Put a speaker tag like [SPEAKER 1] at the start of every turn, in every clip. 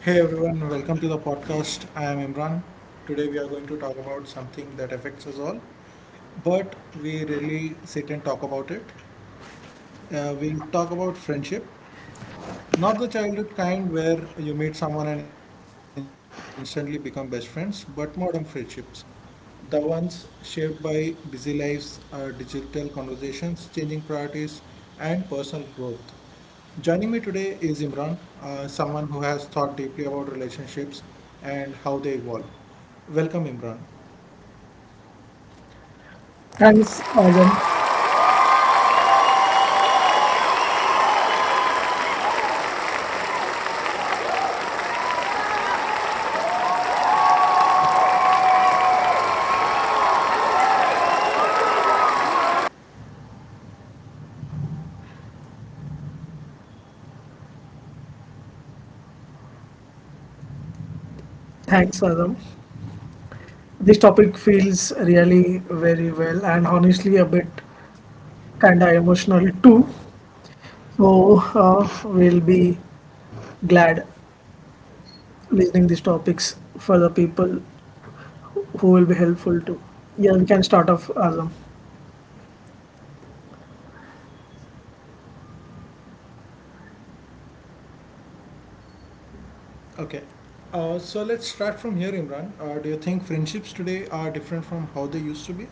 [SPEAKER 1] Hey everyone, welcome to the podcast. I am Imran. Today we are going to talk about something that affects us all, but we really sit and talk about it. We'll talk about friendship, not the childhood kind where you meet someone and instantly become best friends, but modern friendships. The ones shaped by busy lives, digital conversations, changing priorities, and personal growth. Joining me today is Imran, someone who has thought deeply about relationships and how they evolve. Welcome, Imran.
[SPEAKER 2] Thanks, Azam. Thanks, Azam. This topic feels really very well and honestly a bit kinda emotional too. So we'll be glad listening these topics for the people who will be helpful too. Yeah, we can start off, Azam.
[SPEAKER 1] Okay, so let's start from here, Imran. Do you think friendships today are different from how they used to be?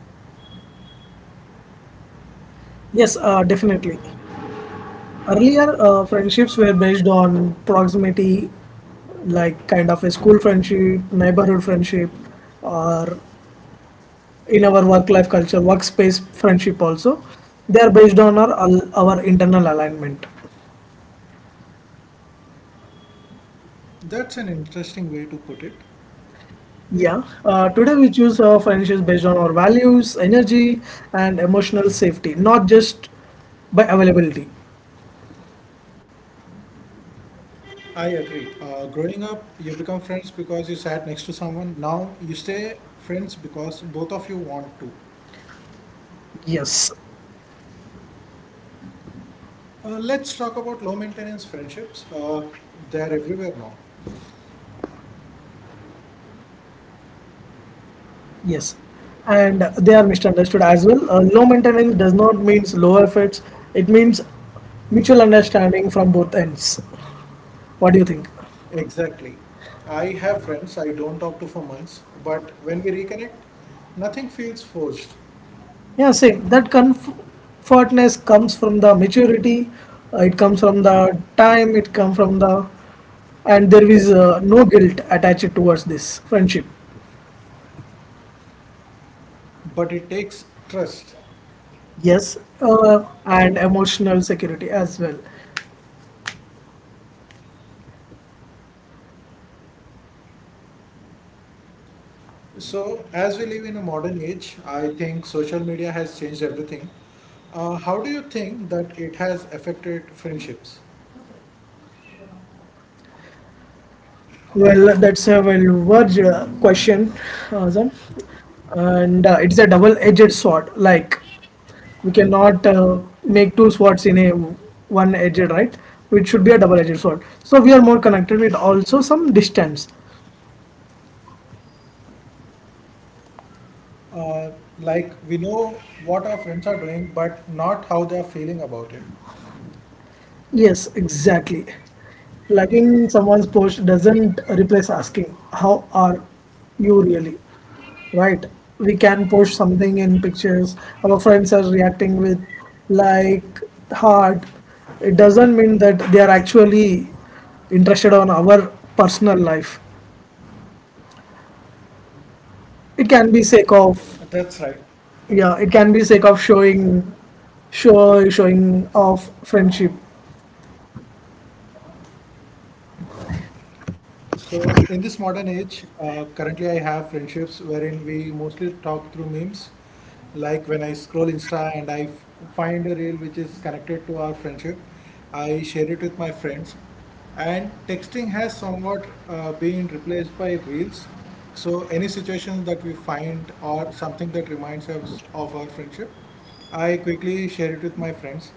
[SPEAKER 2] Yes, definitely. Earlier, friendships were based on proximity, like kind of a school friendship, neighborhood friendship, or in our work life culture, workspace friendship also. They are based on our internal alignment.
[SPEAKER 1] That's an interesting way to put it.
[SPEAKER 2] Yeah. Today we choose our friendships based on our values, energy, and emotional safety, not just by availability.
[SPEAKER 1] I agree. Growing up, you become friends because you sat next to someone. Now you stay friends because both of you want to.
[SPEAKER 2] Yes.
[SPEAKER 1] Let's talk about low maintenance friendships. They're everywhere now.
[SPEAKER 2] Yes. And they are misunderstood as well. Low maintenance does not means lower efforts. It means mutual understanding from both ends. What do you think?
[SPEAKER 1] Exactly. I have friends I don't talk to for months, but when we reconnect, nothing feels forced,
[SPEAKER 2] Yeah, same. That comfortness comes from the maturity, it comes from the time, it comes from the, and there is no guilt attached towards this friendship.
[SPEAKER 1] but it takes trust.
[SPEAKER 2] Yes, and emotional security as well.
[SPEAKER 1] So, as we live in a modern age, I think social media has changed everything. How do you think that it has affected friendships?
[SPEAKER 2] Well, that's a well word question, Azam. And it's a double-edged sword. Like we cannot make two swords in a one edged, right? It should be a double edged sword, so we are more connected with also some distance.
[SPEAKER 1] Like we know what our friends are doing, but not how they are feeling about it.
[SPEAKER 2] Yes, exactly. Liking someone's post doesn't replace asking, "How are you really?" Right? We can post something in pictures. Our friends are reacting with like, heart. It doesn't mean that they are actually interested on our personal life. It can be
[SPEAKER 1] That's
[SPEAKER 2] sake
[SPEAKER 1] right.
[SPEAKER 2] of. Yeah, it can be sake of showing, showing of friendship.
[SPEAKER 1] So, in this modern age, currently I have friendships wherein we mostly talk through memes. Like when I scroll Insta and find a reel which is connected to our friendship, I share it with my friends. And texting has somewhat been replaced by reels. So, any situation that we find or something that reminds us of our friendship, I quickly share it with my friends.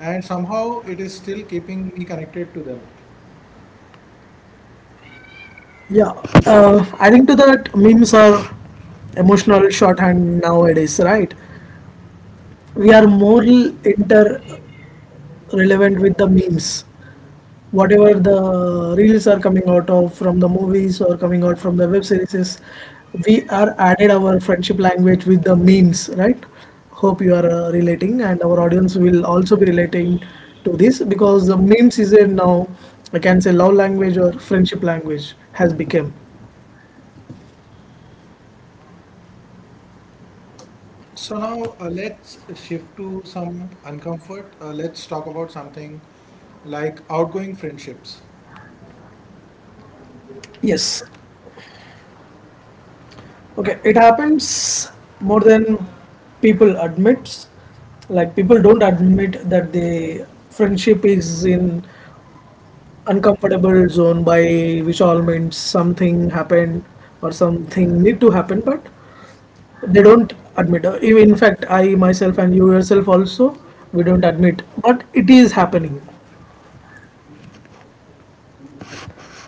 [SPEAKER 1] And somehow it is still keeping me connected to them.
[SPEAKER 2] Yeah, adding to that, memes are emotional shorthand nowadays, right? We are more inter relevant with the memes. Whatever the reels are coming out of from the movies or coming out from the web series, we are added our friendship language with the memes, right? Hope you are relating, and our audience will also be relating to this, because the memes is a now, I can say, love language or friendship language has become.
[SPEAKER 1] So now let's shift to some uncomfort. Let's talk about something like outgoing friendships.
[SPEAKER 2] Yes. Okay, it happens more than people admits. Like people don't admit that the friendship is in uncomfortable zone, by which all means something happened or something need to happen, but they don't admit. Even in fact, I myself and you yourself also, we don't admit, but it is happening.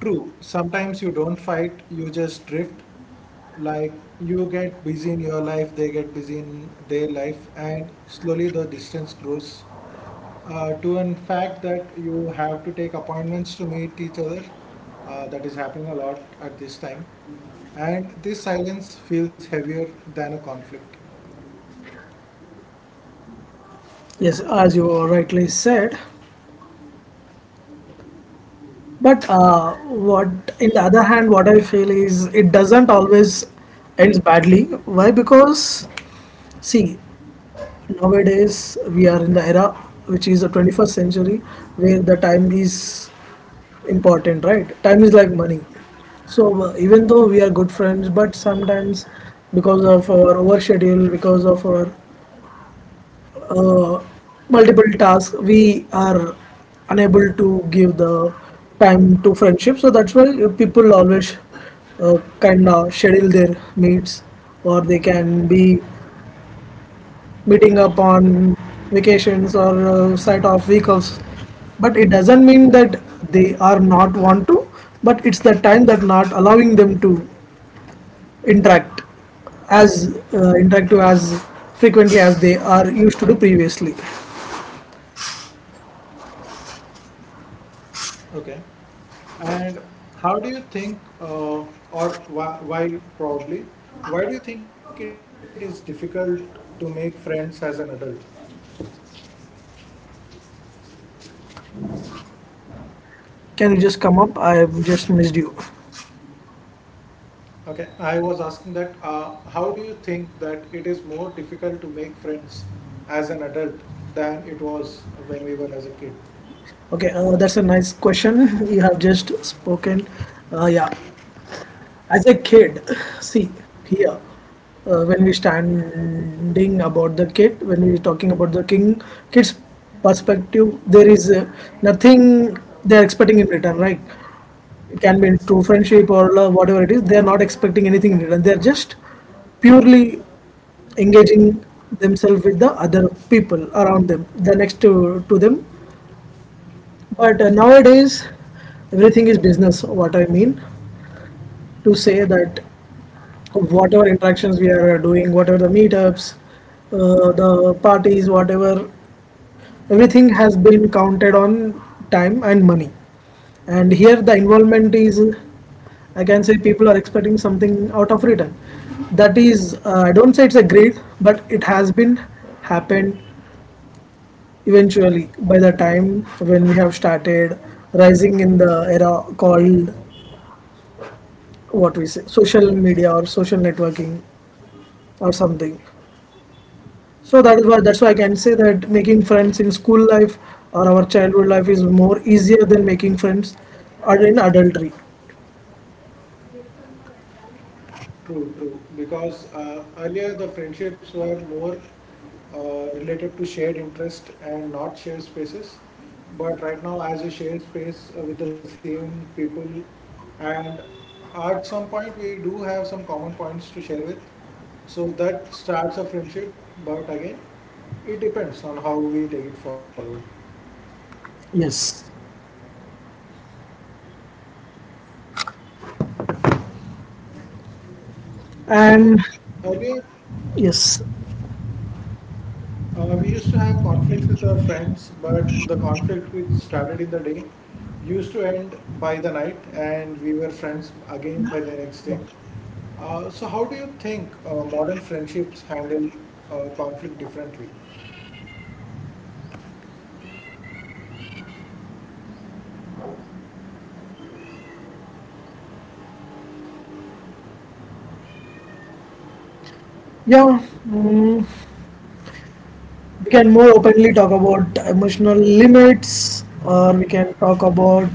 [SPEAKER 1] True, sometimes you don't fight, you just drift. Like you get busy in your life, they get busy in their life, and slowly the distance grows to in fact that you have to take appointments to meet each other. That is happening a lot at this time. And this silence feels heavier than a conflict.
[SPEAKER 2] Yes, as you rightly said. But in the other hand, what I feel is it doesn't always ends badly. Why? Because see, nowadays we are in the era which is the 21st century, where the time is important, right? Time is like money. So even though we are good friends, but sometimes because of our overschedule, because of our uh, multiple tasks, we are unable to give the time to friendship. So that's why people always kind of schedule their meets, or they can be meeting up on vacations or site of week offs, but it doesn't mean that they are not want to, but it's the time that not allowing them to interact as interactive as frequently as they are used to do previously.
[SPEAKER 1] Okay. And how do you think, or why probably, why do you think it is difficult to make friends as an adult?
[SPEAKER 2] Can you just come up? I've just missed you.
[SPEAKER 1] Okay, I was asking that, how do you think that it is more difficult to make friends as an adult than it was when we were as a kid?
[SPEAKER 2] Okay, that's a nice question. You have just spoken. Yeah, as a kid, see here, when we talking about the king kid's perspective, there is nothing they are expecting in return, right? It can be in true friendship or love, whatever it is. They are not expecting anything in return. They are just purely engaging themselves with the other people around them, the next to them, but nowadays everything is business. What I mean to say that whatever interactions we are doing, whatever the meetups, the parties, whatever, everything has been counted on time and money. And here the involvement is, I can say, people are expecting something out of return. That is, I don't say it's a greed, but it has been happened eventually by the time when we have started rising in the era called what we say social media or social networking or something. So that is why, that's why I can say that making friends in school life or our childhood life is more easier than making friends in adultery.
[SPEAKER 1] True, true. Because earlier the friendships were more related to shared interest and not shared spaces. But right now, as we share space with the same people, and at some point we do have some common points to share with, so that starts a friendship. But again, it depends on how we take it forward.
[SPEAKER 2] Yes. And
[SPEAKER 1] So earlier
[SPEAKER 2] yes.
[SPEAKER 1] we used to have conflicts with our friends, but the conflict which started in the day used to end by the night, and we were friends again by the next day. So, how do you think modern friendships handle conflict differently?
[SPEAKER 2] Yeah. mm, we can more openly talk about emotional limits, or we can talk about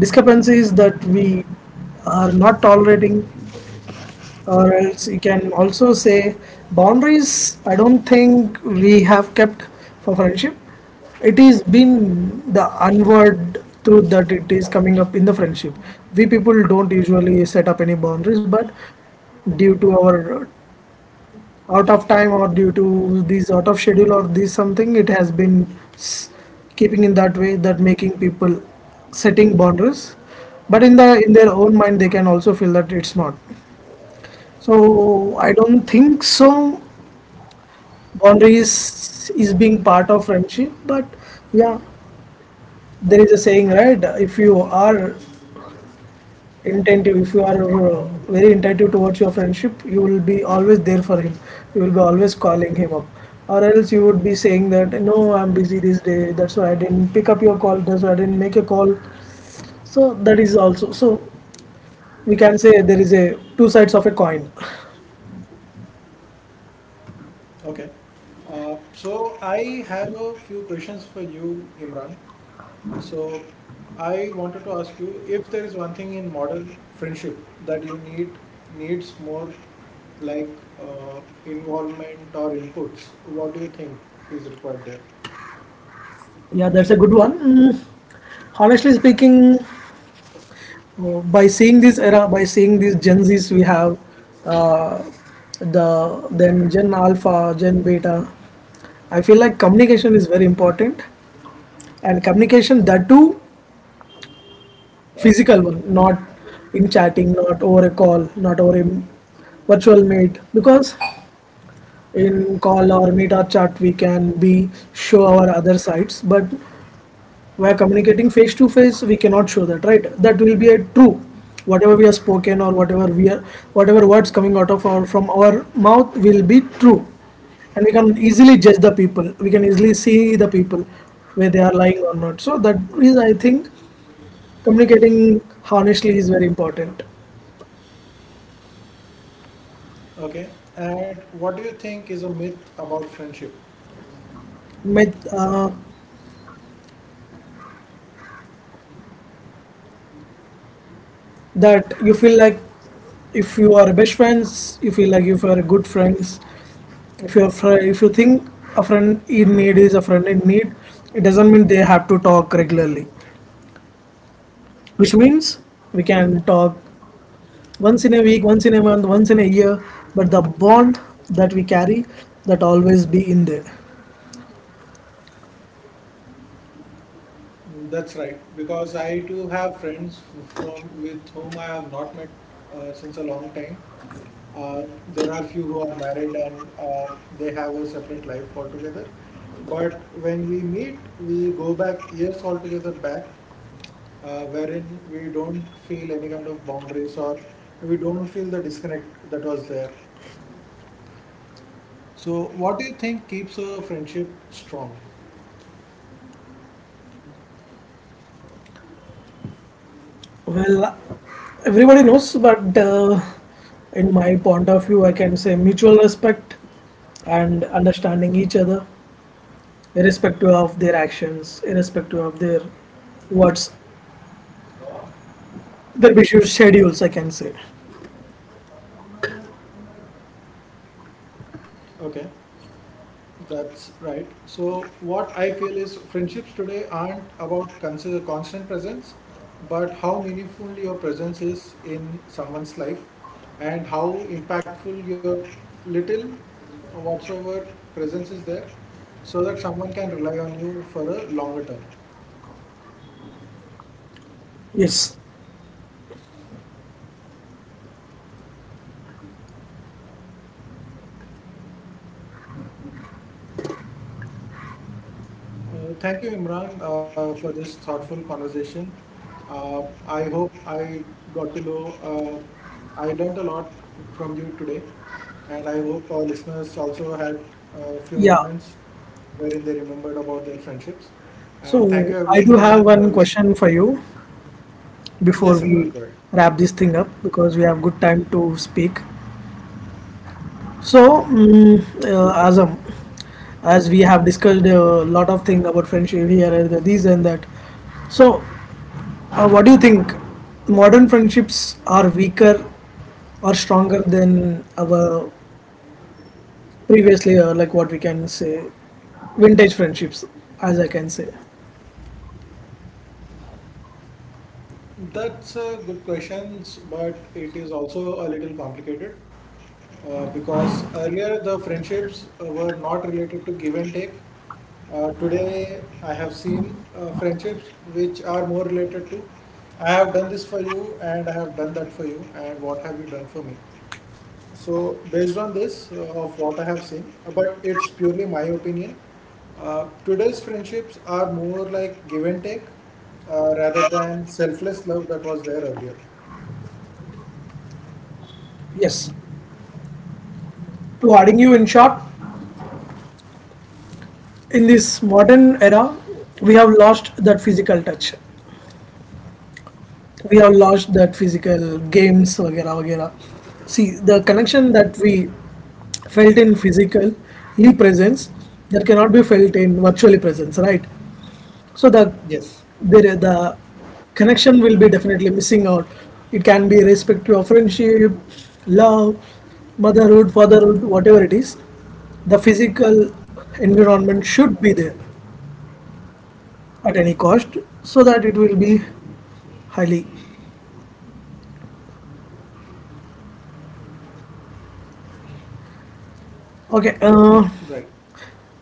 [SPEAKER 2] discrepancies that we are not tolerating, or else you can also say boundaries. I don't think we have kept for friendship. It is been the unword truth that it is coming up in the friendship. We people don't usually set up any boundaries, but due to our out of time or due to these out of schedule or these something, it has been keeping in that way that making people setting boundaries, but in their own mind they can also feel that it's not. So I don't think so boundaries is being part of friendship. But yeah, there is a saying, right? If you are intentive. If you are very intentive towards your friendship, you will be always there for him. You will be always calling him up, or else you would be saying that no, I'm busy this day. That's why I didn't pick up your call. That's why I didn't make a call. So that is also, so we can say there is a two sides of a coin.
[SPEAKER 1] Okay. So, I have a few questions for you, Imran. So I wanted to ask you if there is one thing in modern friendship that you needs more like uh, involvement or inputs, what do you think is required there?
[SPEAKER 2] Yeah, that's a good one. Honestly speaking, by seeing this era, by seeing these Gen Zs we have, uh, the then Gen Alpha, Gen Beta. I feel like communication is very important, and communication that too physical one, not in chatting, not over a call, not over a virtual meet. Because in call or meet or chat, we can be show our other sides, but where communicating face to face, we cannot show that, right? That will be a true. Whatever we have spoken or whatever we are, whatever words coming out of our from our mouth will be true, and we can easily judge the people. We can easily see the people where they are lying or not. So that is, I think, communicating honestly is very important.
[SPEAKER 1] Okay. And what do you think is a myth about friendship?
[SPEAKER 2] Met, that you feel like if you are best friends, you feel like if you are good friends, if you think a friend in need is a friend in need, it doesn't mean they have to talk regularly. Which means we can talk once in a week, once in a month, once in a year, but the bond that we carry, that always be in there.
[SPEAKER 1] Mm, that's right, because I too have friends from with whom I have not met since a long time. Uh, there are few who are married and they have a separate life altogether. But when we meet, we go back years altogether back, wherein we don't feel any kind of boundaries or we don't feel the disconnect that was there. So, what do you think keeps a friendship strong?
[SPEAKER 2] Well, everybody knows, but in my point of view I can say mutual respect and understanding each other, irrespective of their actions, irrespective of their what's their busy schedules, I can say.
[SPEAKER 1] Okay. That's right. So, what I feel is friendships today aren't about consider constant presence, but how meaningful your presence is in someone's life and how impactful your little or whatsoever presence is there so that someone can rely on you for a longer term.
[SPEAKER 2] Yes.
[SPEAKER 1] Thank you, Imran, for this thoughtful conversation. I hope I got to know, I learned a lot from you today, and I hope our listeners also had a few
[SPEAKER 2] Yeah.
[SPEAKER 1] moments wherein they remembered about their friendships. And
[SPEAKER 2] So
[SPEAKER 1] thank you,
[SPEAKER 2] I do have
[SPEAKER 1] everyone,
[SPEAKER 2] one
[SPEAKER 1] for listening.
[SPEAKER 2] question for you before
[SPEAKER 1] Yes,
[SPEAKER 2] we
[SPEAKER 1] Imran, go ahead.
[SPEAKER 2] wrap this thing up, because we have good time to speak. So, as we have discussed a lot of things about friendship here and there, this and that. So, what do you think? Modern friendships are weaker or stronger than our previously, like what we can say, vintage friendships, as I can say.
[SPEAKER 1] That's a good question, but it is also a little complicated. Because earlier the friendships were not related to give and take. Today, I have seen friendships which are more related to I have done this for you and I have done that for you, and what have you done for me? So, based on this, of what I have seen, but it's purely my opinion. Today's friendships are more like give and take rather than selfless love that was there earlier.
[SPEAKER 2] Yes. To adding you in short, in this modern era, we have lost that physical touch. We have lost that physical games, वगैरह वगैरह. See, the connection that we felt in physical presence, that cannot be felt in virtually presence, right? So the
[SPEAKER 1] Yes.
[SPEAKER 2] there the connection will be definitely missing out. It can be respective of friendship, love, motherhood, fatherhood, whatever it is. The physical environment should be there at any cost, so that it will be highly okay.
[SPEAKER 1] Right.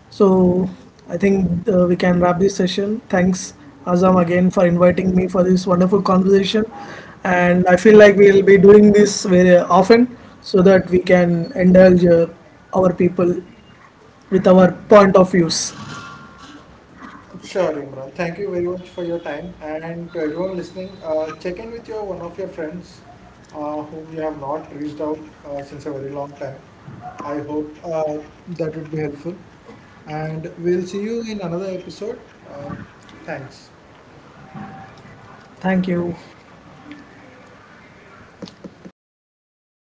[SPEAKER 2] So I think we can wrap this session. Thanks, Azam, again for inviting me for this wonderful conversation. And I feel like we'll be doing this very often, so that we can indulge our people with our point of views.
[SPEAKER 1] Sure, Imran. Thank you very much for your time. And to everyone listening, check in with your one of your friends whom you have not reached out since a very long time. I hope that would be helpful. And we'll see you in another episode. Uh, thanks.
[SPEAKER 2] Thank you.